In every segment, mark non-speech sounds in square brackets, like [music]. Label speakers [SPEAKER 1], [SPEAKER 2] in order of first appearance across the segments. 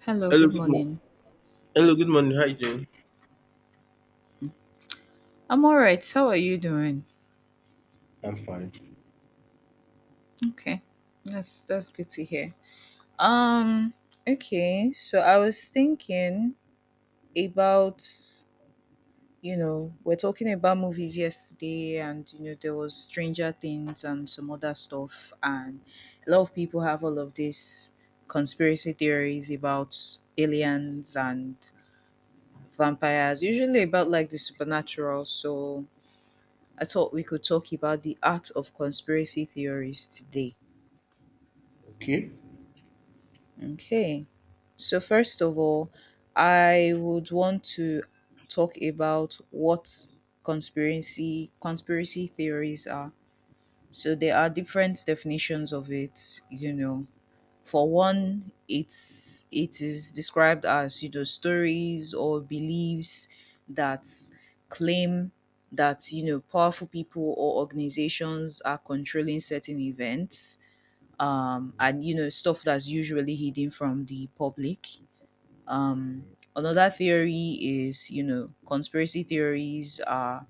[SPEAKER 1] Hello,
[SPEAKER 2] Hello,
[SPEAKER 1] good
[SPEAKER 2] good morning.
[SPEAKER 1] morning.
[SPEAKER 2] Hello, good morning. How you doing?
[SPEAKER 1] I'm all right. How are you doing?
[SPEAKER 2] I'm fine.
[SPEAKER 1] Okay. That's good to hear. Um okay, so I was thinking about we're talking about movies yesterday, and there was Stranger Things and some other stuff, and a lot of people have all of these conspiracy theories about aliens and vampires, usually about like the supernatural. So I thought we could talk about the art of conspiracy theories today.
[SPEAKER 2] Okay.
[SPEAKER 1] Okay. So, first of all, I would want to talk about what conspiracy theories are. So there are different definitions of it, you know. For one, it is described as, you know, stories or beliefs that claim that, you know, powerful people or organizations are controlling certain events, and you know stuff that's usually hidden from the public. Um, another theory is, you know, conspiracy theories are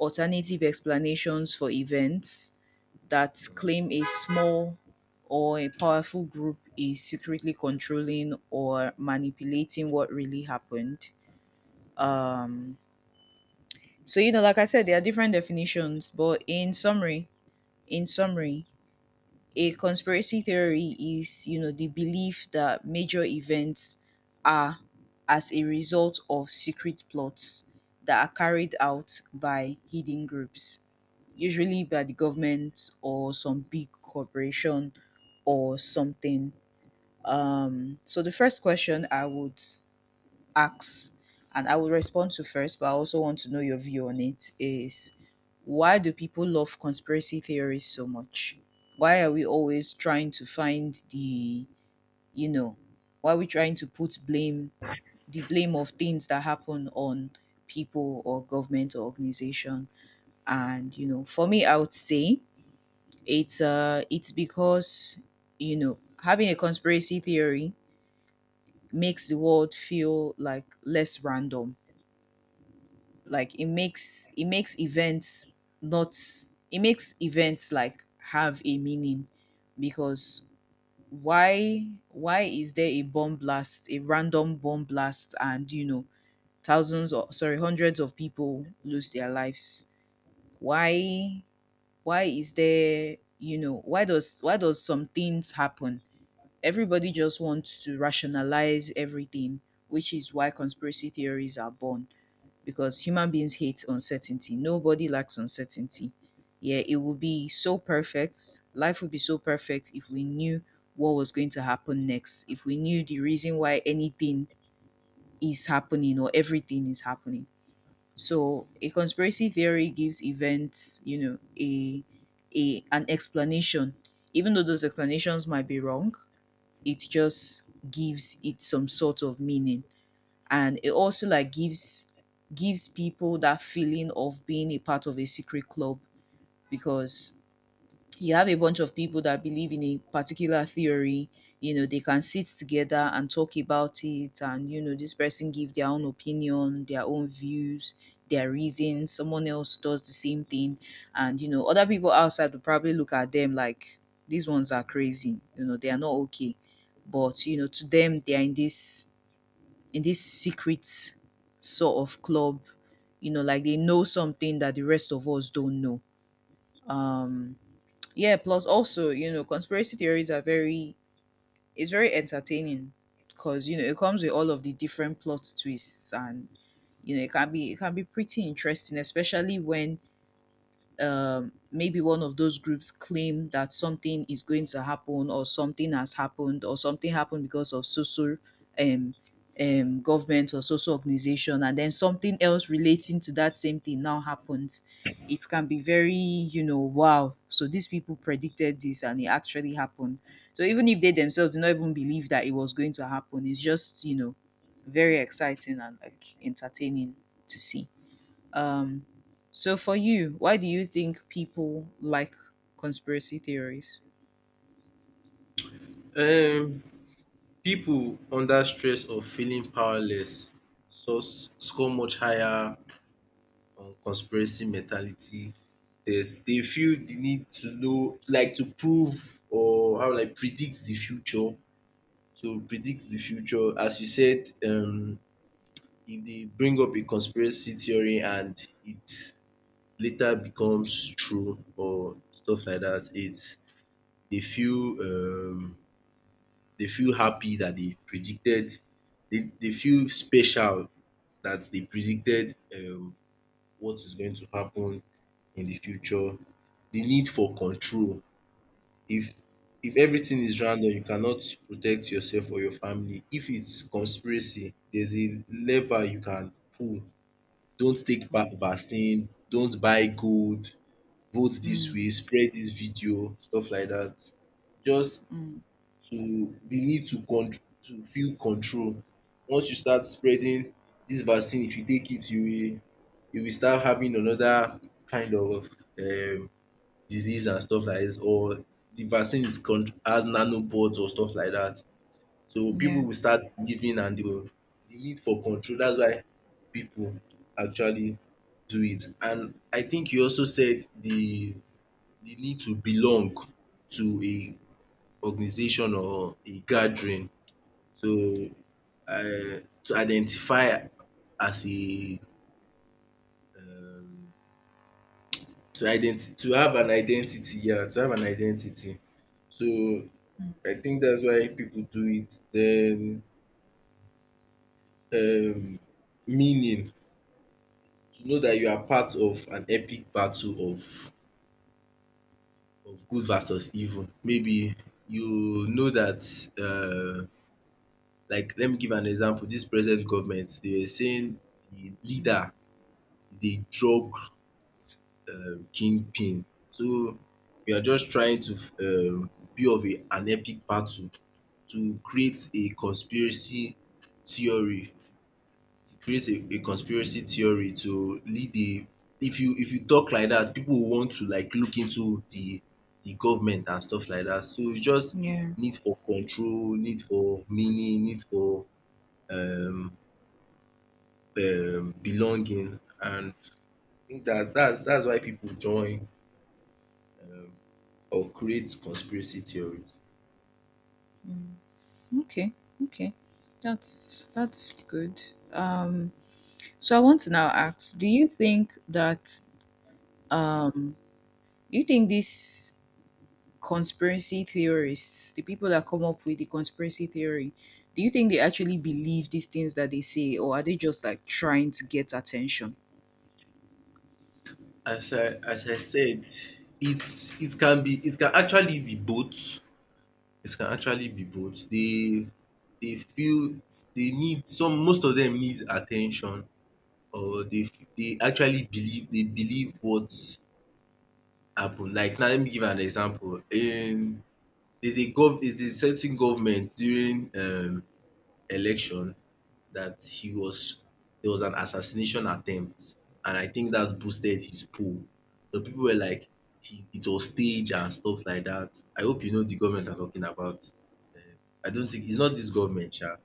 [SPEAKER 1] alternative explanations for events that claim a small or a powerful group is secretly controlling or manipulating what really happened. Um, so you know, like I said, there are different definitions, but in summary, a conspiracy theory is, you know, the belief that major events are as a result of secret plots that are carried out by hidden groups, usually by the government or some big corporation or something. So the first question I would ask, and I would respond to first, but I also want to know your view on it, is why do people love conspiracy theories so much? Why are we always trying to find the, you know, why are we trying to put blame, the blame of things that happen on people or government or organization? And, you know, for me, I would say it's because, you know, having a conspiracy theory makes the world feel like less random. Like it makes events not, it makes events like have a meaning. Because why is there a bomb blast, a random bomb blast, and you know thousands, or sorry, hundreds of people lose their lives? why why is there, you know, why does, why does some things happen? Everybody just wants to rationalize everything, which is why conspiracy theories are born, because human beings hate uncertainty. Nobody likes uncertainty. Yeah, it would be so perfect. Life would be so perfect if we knew what was going to happen next, if we knew the reason why anything is happening or everything is happening. So, a conspiracy theory gives events, you know, a an explanation. Even though those explanations might be wrong, it just gives it some sort of meaning. And it also like gives people that feeling of being a part of a secret club, because you have a bunch of people that believe in a particular theory. You know, they can sit together and talk about it, and you know, this person give their own opinion, their own views, their reasons, someone else does the same thing. And you know, other people outside will probably look at them like, these ones are crazy, you know, they are not okay. But you know, to them, they are in this, in this secret sort of club, you know, like they know something that the rest of us don't know. um yeah, plus also, you know, conspiracy theories are very, it's very entertaining, because you know it comes with all of the different plot twists. And you know it can be pretty interesting, especially when, maybe one of those groups claim that something is going to happen, or something has happened, or something happened because of social, um, government or social organization, and then something else relating to that same thing now happens. It can be very, you know, wow, so these people predicted this and it actually happened. So even if they themselves did not even believe that it was going to happen, it's just, you know, very exciting and like entertaining to see. um, so for you, why do you think people like conspiracy theories?
[SPEAKER 2] Um, people under stress or feeling powerless so score much higher on conspiracy mentality tests. They feel the need to know, like to prove or how like predict the future. So predict the future, as you said, if they bring up a conspiracy theory and it later becomes true or stuff like that, it's they feel um they feel happy that they predicted, they feel special that they predicted what is going to happen in the future. The need for control. If if everything is random, you cannot protect yourself or your family. If it's conspiracy, there's a lever you can pull. Don't take
[SPEAKER 1] Mm,
[SPEAKER 2] vaccine, don't buy gold, vote this
[SPEAKER 1] mm,
[SPEAKER 2] way, spread this video, stuff like that. Just
[SPEAKER 1] mm.
[SPEAKER 2] to the need to con to feel control. Once you start spreading this vaccine, if you take it, you will start having another kind of um disease and stuff like this. Or the vaccine is con has nanoport or stuff like that. So
[SPEAKER 1] Yeah.
[SPEAKER 2] people will start giving and the need for control, that's why people actually do it. And I think you also said the need to belong to a organization or a gathering. So, I to identify as a um to have an identity, yeah, to have an identity. So,
[SPEAKER 1] Mm,
[SPEAKER 2] I think that's why people do it. Then um meaning, to know that you are part of an epic battle of good versus evil. Maybe you know that um like let me give an example, this present government, they were saying the
[SPEAKER 1] mm.
[SPEAKER 2] leader is a drug kingpin. So we are just trying to be of a an epic battle to create a conspiracy theory to create a conspiracy theory to lead a if you talk like that, people will want to like look into the government and stuff like that. So it's just
[SPEAKER 1] Yeah.
[SPEAKER 2] need for control, need for meaning, need for um belonging, and I think that that's why people join um or create conspiracy theories.
[SPEAKER 1] Okay. Okay. That's good. Um, so I want to now ask: do you think that, um, you think these conspiracy theorists, the people that come up with the conspiracy theory, do you think they actually believe these things that they say, or are they just like trying to get attention?
[SPEAKER 2] As I said, it can be, it can actually be both. It can actually be both. They feel they need, some most of them need attention, or they actually believe, they believe what happened. Like now let me give an example. There's a gov there's a certain government during election that he was there was an assassination attempt, and I think that boosted his poll. So people were like, he, it was staged and stuff like that. I hope you know the government I'm talking about. I don't think it's not this government, yeah.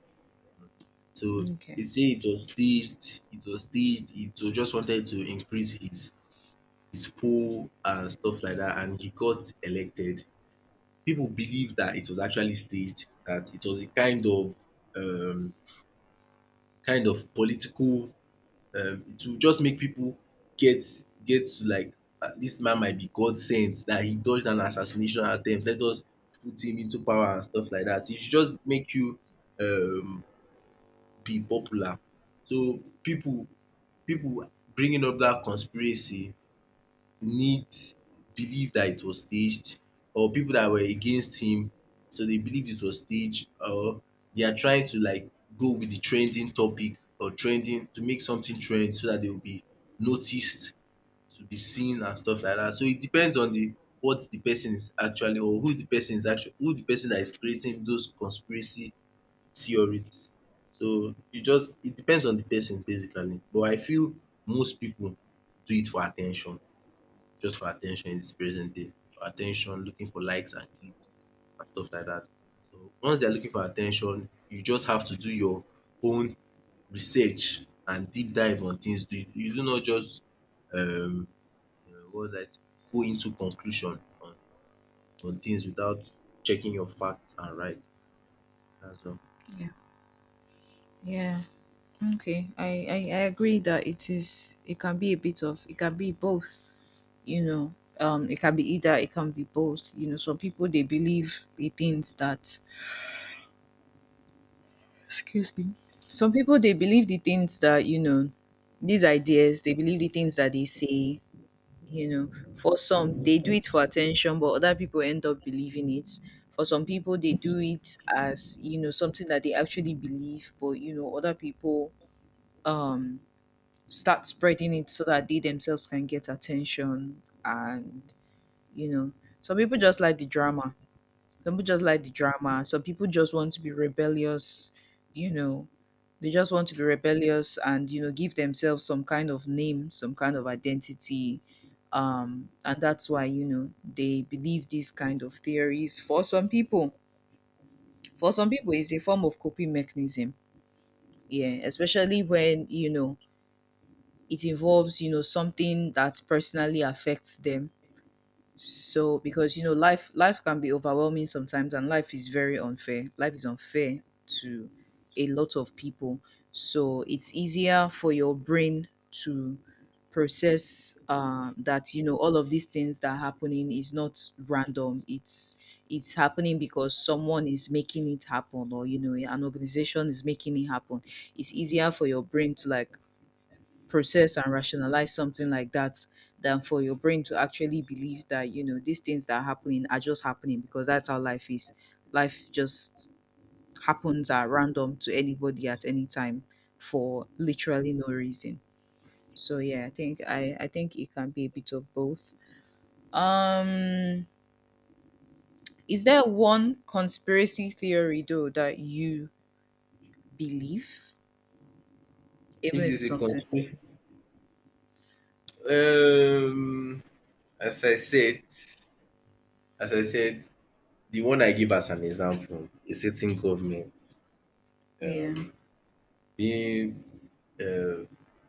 [SPEAKER 2] So
[SPEAKER 1] Okay.
[SPEAKER 2] they say it was staged. It was staged. It was just wanted to increase his poll and stuff like that, and he got elected. People believe that it was actually staged. That it was a um kind of political it will just make pipu get get to like dis man might be God sent dat he dodged an assassination attempt, let us put him into power and stuff like dat. It should just make you um be popular. So pipu bringing up dat conspiracy need believe that it was staged, or people that were against him, so they believed it was staged, or they are trying to like go with the trending topic or trending to make something trend so that they will be noticed, to be seen and stuff like that. So it depends on the what the person is actually, or who the person is actually, who the person that is creating those conspiracy theories. So you just it depends on the person basically, but I feel most people do it for attention, just for attention in this present day. For attention, looking for likes and clicks and stuff like that. So once they are looking for attention, you just have to do your own research and deep dive on things. You do not just um what was I say go into conclusion on things without checking your facts and right. That's all.
[SPEAKER 1] Yeah. Okay. I agree that it is, it can be a bit of, it can be both, you know. Um, it can be either, it can be both. You know, some people they believe the things that, excuse me. Some people they believe the things that, you know, these ideas, they believe the things that they say, you know. For some, they do it for attention, but other people end up believing it. For some people they do it as, you know, something that they actually believe, but you know, other people um start spreading it so that they themselves can get attention. And you know, some people just like the drama some people just like the drama some people just want to be rebellious. You know, they just want to be rebellious, and you know, give themselves some kind of name, some kind of identity. And that's why, you know, they believe these kind of theories. For some people, for some people it's a form of coping mechanism. Yeah, especially when, you know, it involves, you know, something that personally affects them. So because, you know, life can be overwhelming sometimes, and life is very unfair, life is unfair to a lot of people. So it's easier for your brain to process that, you know, all of these things that are happening is not random, it's happening because someone is making it happen, or you know, an organization is making it happen. It's easier for your brain to like process and rationalize something like that, than for your brain to actually believe that, you know, these things that are happening are just happening because that's how life is. Life just happens at random, to anybody at any time, for literally no reason. So yeah, I think it can be a bit of both. um is there one conspiracy theory though that you believe, even
[SPEAKER 2] If
[SPEAKER 1] if
[SPEAKER 2] there's
[SPEAKER 1] it's
[SPEAKER 2] a
[SPEAKER 1] something?
[SPEAKER 2] conspiracy, um as I said, as I said, the one I give as an example, a certain government
[SPEAKER 1] Yeah.
[SPEAKER 2] um being um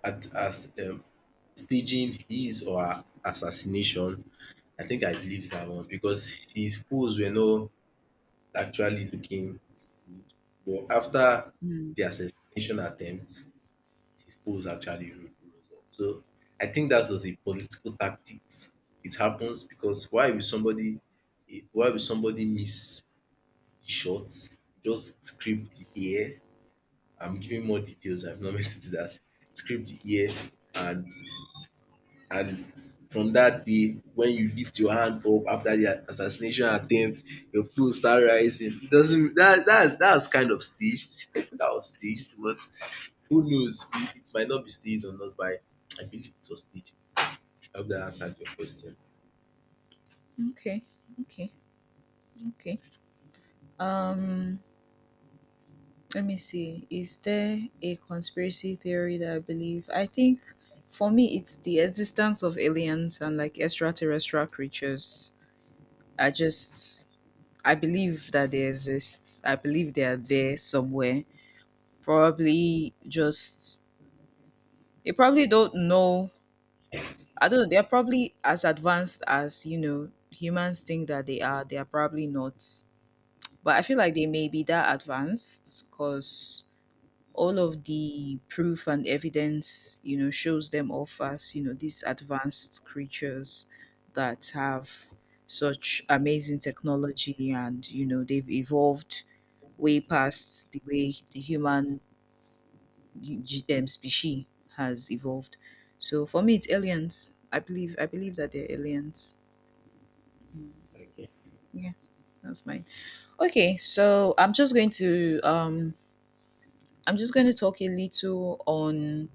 [SPEAKER 2] at as staging his or her assassination. I think I believe that one because his foes were not actually looking, but after
[SPEAKER 1] Hmm.
[SPEAKER 2] the assassination attempt his foes actually ro rose up. So I think dat was a political tactics. It happens because why will somebody why will somebody miss the shot, just scrape the air. I'm giving more details. I've not [laughs] meant to do that. Script here, and and from that day when you lift your hand up after the assassination attempt, your flow start rising. It doesn't that that's kind of staged. [laughs] That was staged, but who knows? It might not be staged or not, but I believe it was staged. I hope that answered your question.
[SPEAKER 1] Okay, okay, okay. um let me see. Is there a conspiracy theory that I believe? I think for me, it's the existence of aliens and like extraterrestrial creatures. I just, I believe that they exist. I believe they are there somewhere. Probably just, they probably don't know. I don't know. They're probably as advanced as, you know, humans think that they are. They are probably not. But I feel like they may be that advanced, because all of the proof and evidence, you know, shows them off as, you know, these advanced creatures that have such amazing technology, and, you know, they've evolved way past the way the human species has evolved. So for me, it's aliens. I believe that they're aliens. Yeah, that's mine. Okay, so I'm just going to, I'm just going to talk a little on,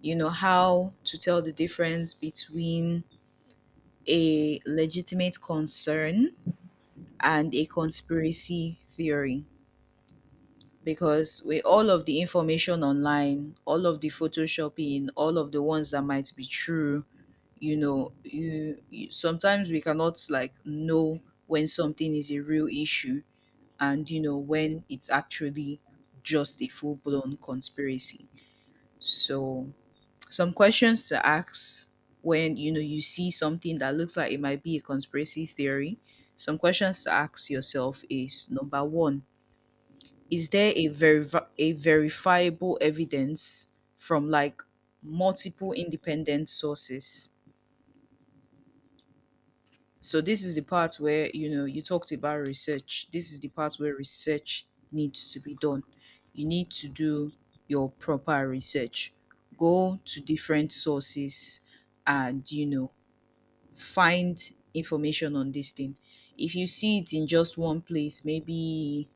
[SPEAKER 1] you know, how to tell the difference between a legitimate concern and a conspiracy theory. Because with all of the information online, all of the photoshopping, all of the ones that might be true, you know, you sometimes we cannot like know when something is a real issue, and you know, when it's actually just a full blown conspiracy. So, some questions to ask when, you know, you see something that looks like it might be a conspiracy theory, some questions to ask yourself is: number one, is there a very, a verifiable evidence from like multiple independent sources? So this is the part where, you know, you talked about research. This is the part where research needs to be done. You need to do your proper research, go to different sources, and you know, find information on this thing. If you see it in just one place, maybe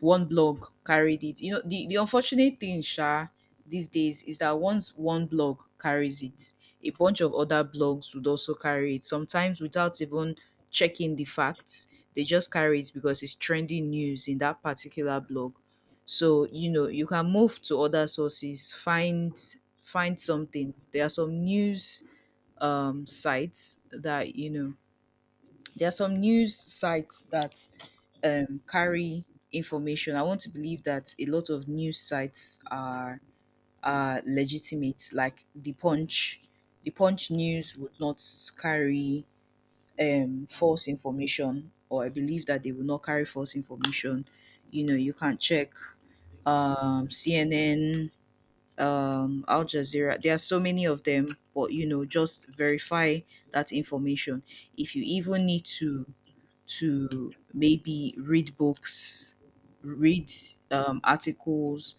[SPEAKER 1] one blog carried it. You know, the unfortunate thing, Sha, these days is that once one blog carries it, a bunch of other blogs would also carry it. Sometimes without even checking the facts, they just carry it because it's trending news in that particular blog. So, you know, you can move to other sources, find something. There are some news sites that, you know, there are some news sites that carry information. I want to believe that a lot of news sites are legitimate. Like the Punch news would not carry false information, or I believe that they will not carry false information. You know, you can check CNN, Al Jazeera. There are so many of them, but you know, just verify that information. If you even need to maybe read books, read articles,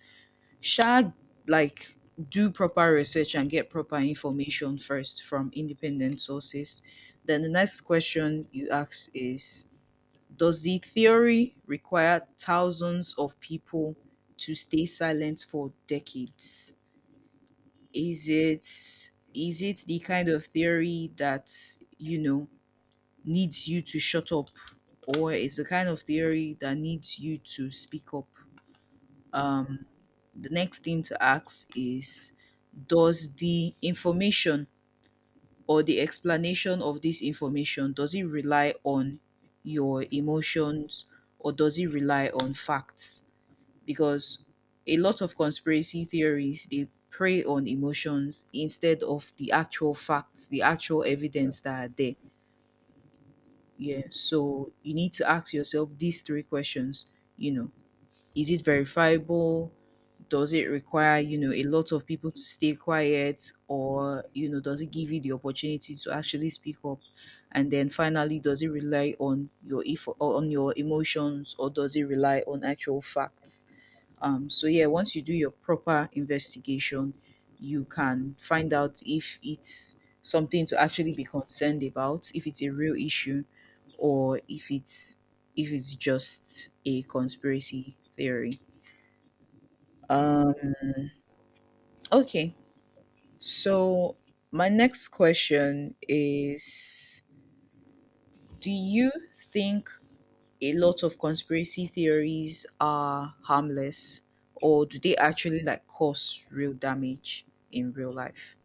[SPEAKER 1] shag like do proper research and get proper information first from independent sources. Then the next question you ask is, does the theory require thousands of people to stay silent for decades? Is it the kind of theory that needs you to shut up, or is the kind of theory that needs you to speak up? um the next thing to ask is, does the information or the explanation of this information, does it rely on your emotions or does it rely on facts? Because a lot of conspiracy theories, they prey on emotions instead of the actual facts, the actual
[SPEAKER 2] Yeah.
[SPEAKER 1] evidence that are there. Yeah, so you need to ask yourself these three questions. You know, is it verifiable? Does it require, you know, a lot of people to stay quiet? Or, you know, does it give you the opportunity to actually speak up? And then finally, does it rely on your if on your emotions, or does it rely on actual facts? So yeah, once you do your proper investigation, you can find out if it's something to actually be concerned about, if it's a real issue, or if it's just a conspiracy theory. um okay, so my next question is, do you think a lot of conspiracy theories are harmless, or do they actually like cause real damage in real life?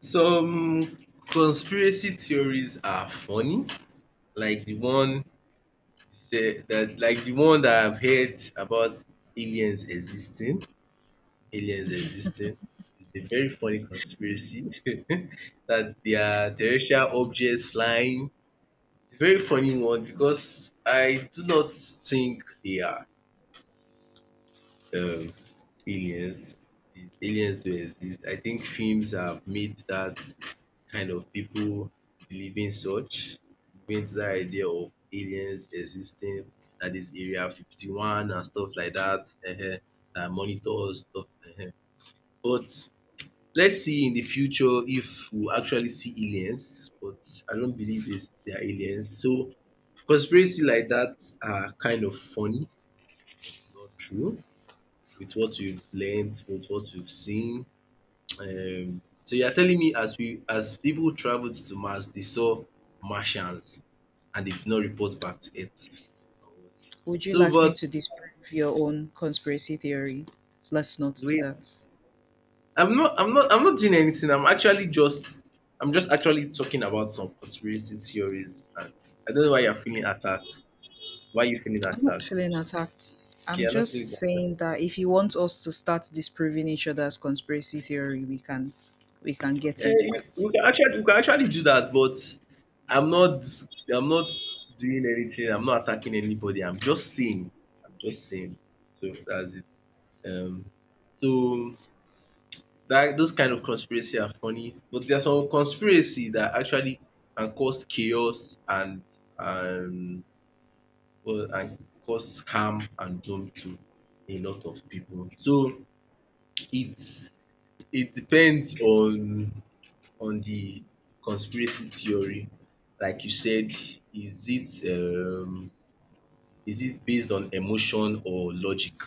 [SPEAKER 2] Some conspiracy theories are funny, like the one say that like the one that I've heard about aliens existing, aliens existing is a very funny conspiracy [laughs] that they are terrestrial objects flying. It's a very funny one because I do not think they are. Um, Aliens, the aliens do exist. I think films have made that kind of people believe in such, believe into that idea of aliens existing, that is Area 51 and stuff like that, um that monitors stuff. um But let's see in the future if we actually see aliens, but I don't believe this they are aliens. So conspiracy like that are kind of funny, but it's not true with what we've learned, with what we've seen. So you are telling me as we as people traveled to Mars they saw Martians and they did not report back to Earth or what?
[SPEAKER 1] Would you
[SPEAKER 2] So
[SPEAKER 1] like me
[SPEAKER 2] but
[SPEAKER 1] to disprove your own conspiracy theory? Let's not do
[SPEAKER 2] wait,
[SPEAKER 1] that.
[SPEAKER 2] I'm not doing anything, I'm actually just I'm just actually talking about some conspiracy theories, and I don't know why you are feeling attacked. Why are you feeling
[SPEAKER 1] I'm not
[SPEAKER 2] attacked?
[SPEAKER 1] feeling attacked.
[SPEAKER 2] Okay,
[SPEAKER 1] I'm
[SPEAKER 2] I'm not
[SPEAKER 1] just
[SPEAKER 2] feeling attacked.
[SPEAKER 1] saying that if you want us to start disproving each other's conspiracy theory, we can get
[SPEAKER 2] Eh,
[SPEAKER 1] into
[SPEAKER 2] you
[SPEAKER 1] that.
[SPEAKER 2] you can actually, you can actually do that, but I'm not I'm not doing anything. I'm not attacking anybody. I'm just saying. I'm just saying. So that's it. Um, so that those kind of conspiracy are funny, but there's some conspiracy that actually can cause chaos and and well, and cause harm and doom to a lot of people. So it's it depends on the conspiracy theory, like you said, is it um is it based on emotion or logic?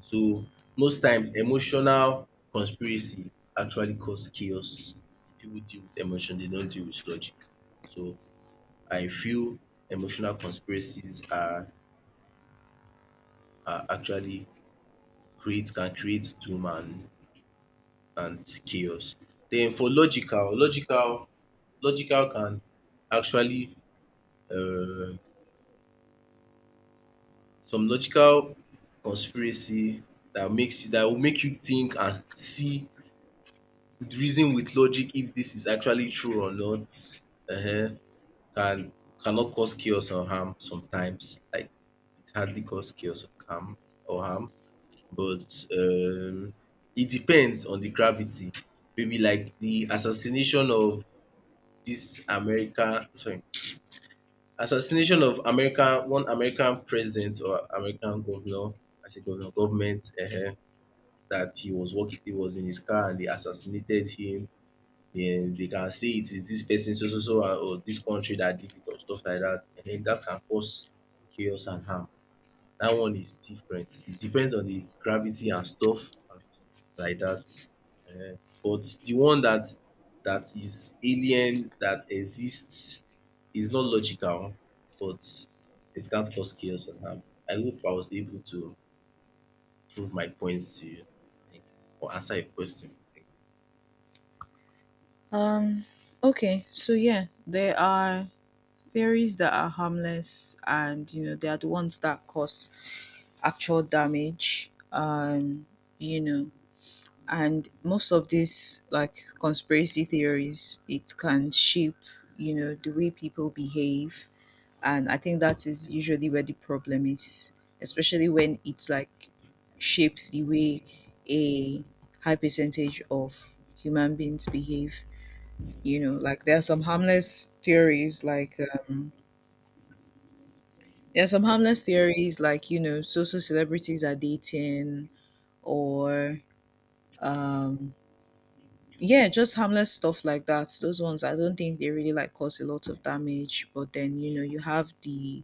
[SPEAKER 2] So most times emotional conspiracy actually cause chaos. People deal with emotion, they don't deal with logic. So I feel emotional conspiracies are actually create can create doom and chaos. Then for logical, logical can actually um some logical conspiracy that makes you that will make you think and see with reason with logic if this is actually true or not um can cannot cause chaos or harm sometimes, like it hardly cause chaos or harm or harm, but it depends on the gravity. Maybe like the assassination of this America, sorry, assassination of American, one American president or American governor, I say governor, government, dat he was working, he was in his car and they assassinated him. Then they can say it is this person so so so and or this country that did it or stuff like dat. That can cause chaos and harm. That one is different. It depends on the gravity and stuff like that. But the one that that is alien, that exists, is not logical, but it can cause chaos and harm. I hope I was able to prove my points to you. Thank you. Or answer your question. Thank you.
[SPEAKER 1] Um okay, so yeah, there are theories that are harmless and you know they are the ones that cause actual damage. You know and most of these like conspiracy theories, it can shape, you know, the way people behave, and I think that is usually where the problem is, especially when it's like shapes the way a high percentage of human beings behave. You know, like there are some harmless theories like um you know, so so celebrities are dating, or um yeah, just harmless stuff like that. Those ones I don't think they really like cause a lot of damage, but then you know you have the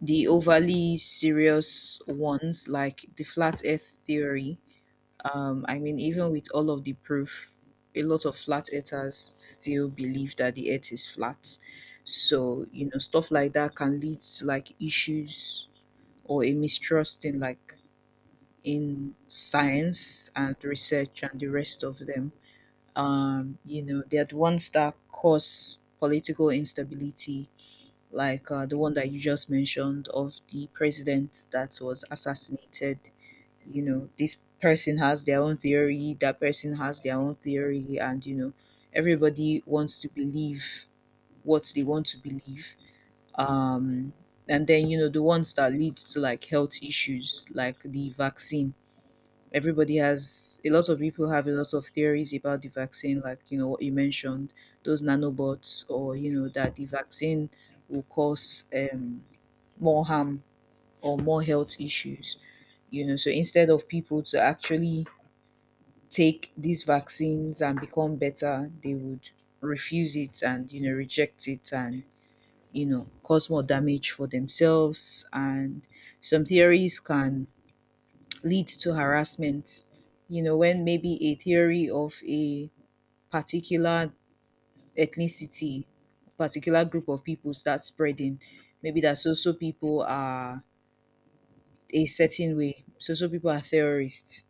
[SPEAKER 1] the overly serious ones like the flat earth theory. I mean, even with all of the proof, a lot of flat earthers still believe that the earth is flat. So you know stuff like that can lead to like issues, or a mistrust in science and research and the rest of them. Um, you know, they're the ones that cause political instability, like the one that you just mentioned of the president that was assassinated. You know, this person has their own theory, that person has their own theory, and you know, everybody wants to believe what they want to believe. Um, and then you know the ones that lead to like health issues, like the vaccine. Everybody has A lot of people have a lot of theories about the vaccine, like you know what you mentioned, those nanobots, or you know that the vaccine will cause more harm or more health issues. You know, so instead of people to actually take these vaccines and become better, they would refuse it and you know reject it and you know cause more damage for themselves. And some theories can lead to harassment. You know, when maybe a theory of a particular ethnicity, particular group of people starts spreading, maybe that so so people are a certain way. So so people are terrorists.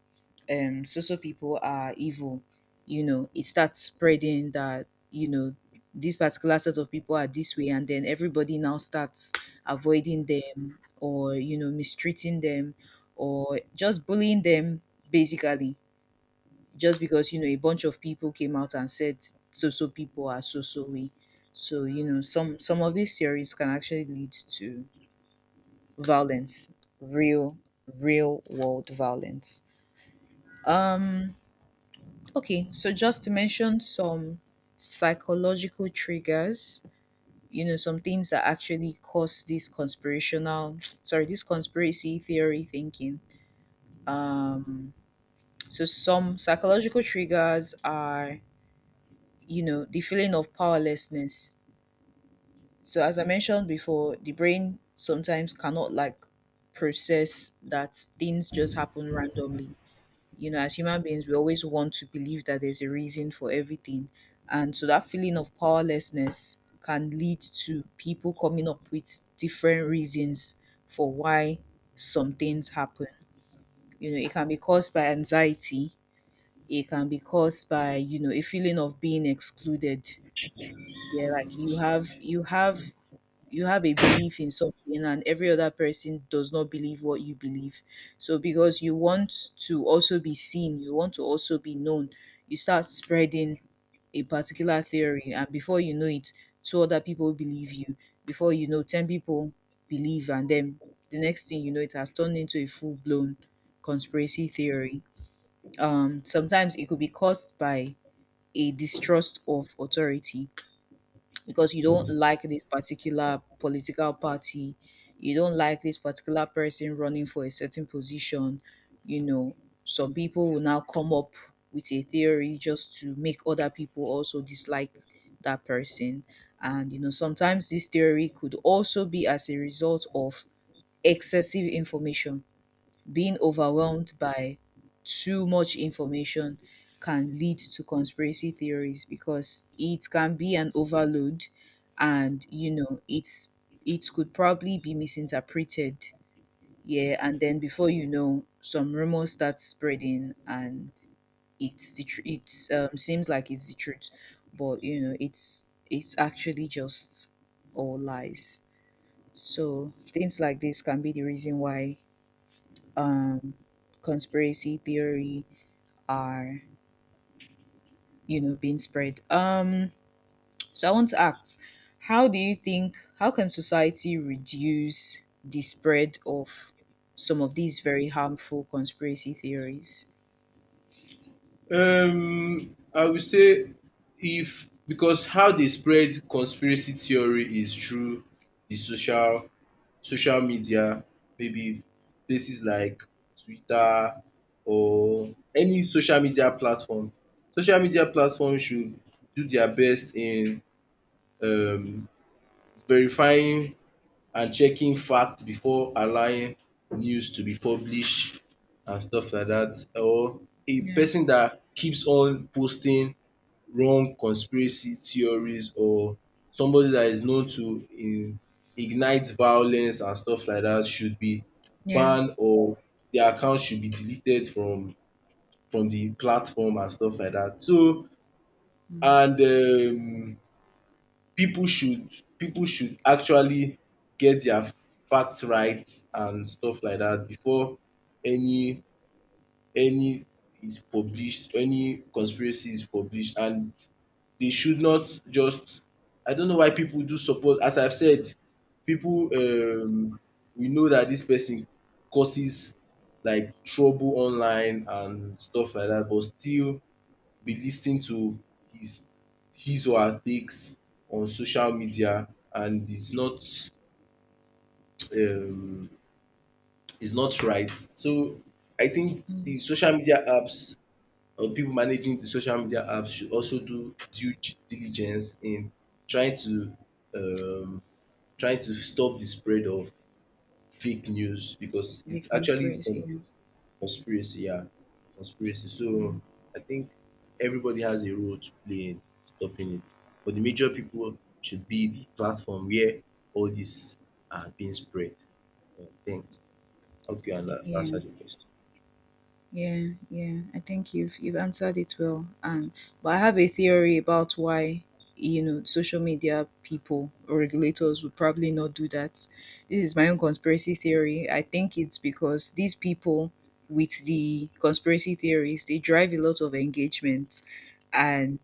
[SPEAKER 1] So so people are evil. You know, it starts spreading that you know this particular set of people are this way, and then everybody now starts avoiding them, or you know mistreating them, or just bullying them, basically just because you know a bunch of people came out and said so so people are so so way. So you know some of these theories can actually lead to violence, real real world violence. um okay, so just to mention some psychological triggers, you know, some things that actually cause this conspirational sorry this conspiracy theory thinking. um so some psychological triggers are, you know, the feeling of powerlessness. So as I mentioned before, the brain sometimes cannot like process that things just happen randomly. You know, as human beings, we always want to believe that there's a reason for everything. And so that feeling of powerlessness can lead to people coming up with different reasons for why some things happen. You know, it can be caused by anxiety, it can be caused by, you know, a feeling of being excluded. Yeah, like you have a belief in something and every other person does not believe what you believe. So because you want to also be seen, you want to also be known, you start spreading a particular theory, and before you know it, two other people believe you, before you know, 10 people believe, and then the next thing you know, it has turned into a full-blown conspiracy theory. Sometimes it could be caused by a distrust of authority. Because you don't like this particular political party, you don't like this particular person running for a certain position, you know, some people will now come up with a theory just to make other people also dislike that person. And, you know, sometimes this theory could also be as a result of excessive information. Being overwhelmed by too much information can lead to conspiracy theories, because it can be an overload, and you know it's it could probably be misinterpreted. Yeah, and then before you know, some rumors start spreading, and it's the tr- it seems like it's the truth, but you know it's actually just all lies. So things like this can be the reason why um, conspiracy theory are you know being spread. So I want to ask, how do you think how can society reduce the spread of some of these very harmful conspiracy theories?
[SPEAKER 2] I would say if because how they spread conspiracy theory is through the social media, maybe places like Twitter or any social media platform. Social media platform should do their best in um verifying and checking facts before allowing news to be published and stuff like that. Or a
[SPEAKER 1] Yeah,
[SPEAKER 2] person that keeps on posting wrong conspiracy theories or somebody that is known to ignite violence and stuff like that, should be
[SPEAKER 1] yeah,
[SPEAKER 2] banned or their account should be deleted from the platform and stuff like that. So
[SPEAKER 1] mm,
[SPEAKER 2] and people should people should actually get their facts right and stuff like that before any any is published, any conspiracy is published, and they should not just I don't know why people do support, as I've said, people we know that this person causes like trouble online and stuff like that, but still be listening to his his or her takes on social media, and um it's not right. So I think
[SPEAKER 1] mm,
[SPEAKER 2] the social media apps or people managing the social media apps should also do due diligence in trying to um trying to stop the spread of fake news because
[SPEAKER 1] the
[SPEAKER 2] it's actually
[SPEAKER 1] conspiracy.
[SPEAKER 2] some
[SPEAKER 1] Yeah,
[SPEAKER 2] conspiracy, yeah, conspiracy.
[SPEAKER 1] yeah,
[SPEAKER 2] So I think everybody has a role to play in stopping it, but the major people should be the platform where all this are being spread. Yeah, thanks. Okay, you
[SPEAKER 1] yeah.
[SPEAKER 2] answered your question.
[SPEAKER 1] Yeah. I think you've answered it well. But I have a theory about why you know social media people or regulators would probably not do that. This is my own conspiracy theory. I think it's because these people with the conspiracy theories, they drive a lot of engagement, and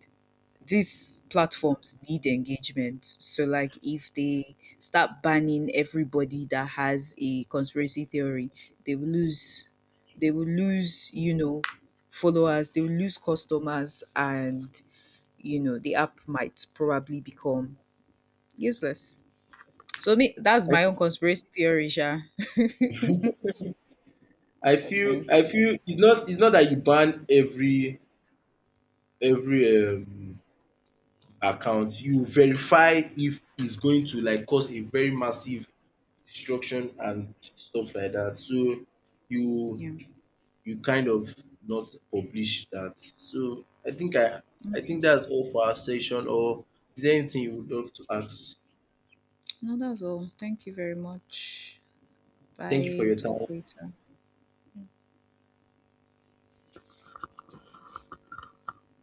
[SPEAKER 1] these platforms need engagement. So, like, if they start banning everybody that has a conspiracy theory, they will lose, they will lose, you know, followers, they will lose customers, and you know, the app might probably become useless. So, me, that's
[SPEAKER 2] I,
[SPEAKER 1] my own conspiracy theory, Sha. [laughs]
[SPEAKER 2] I
[SPEAKER 1] That's my own
[SPEAKER 2] feel I
[SPEAKER 1] theory.
[SPEAKER 2] feel it's not, it's not that you ban every account. You verify if it's going to like cause a very massive destruction and stuff like that. So you
[SPEAKER 1] Yeah.
[SPEAKER 2] you kind of not publish that. So I think I
[SPEAKER 1] Okay.
[SPEAKER 2] think that's all for our session, or is there anything you would love to ask?
[SPEAKER 1] No, that's all. Thank you very much.
[SPEAKER 2] Thank you
[SPEAKER 1] Bye.
[SPEAKER 2] for
[SPEAKER 1] We'll
[SPEAKER 2] your
[SPEAKER 1] talk
[SPEAKER 2] time.
[SPEAKER 1] later.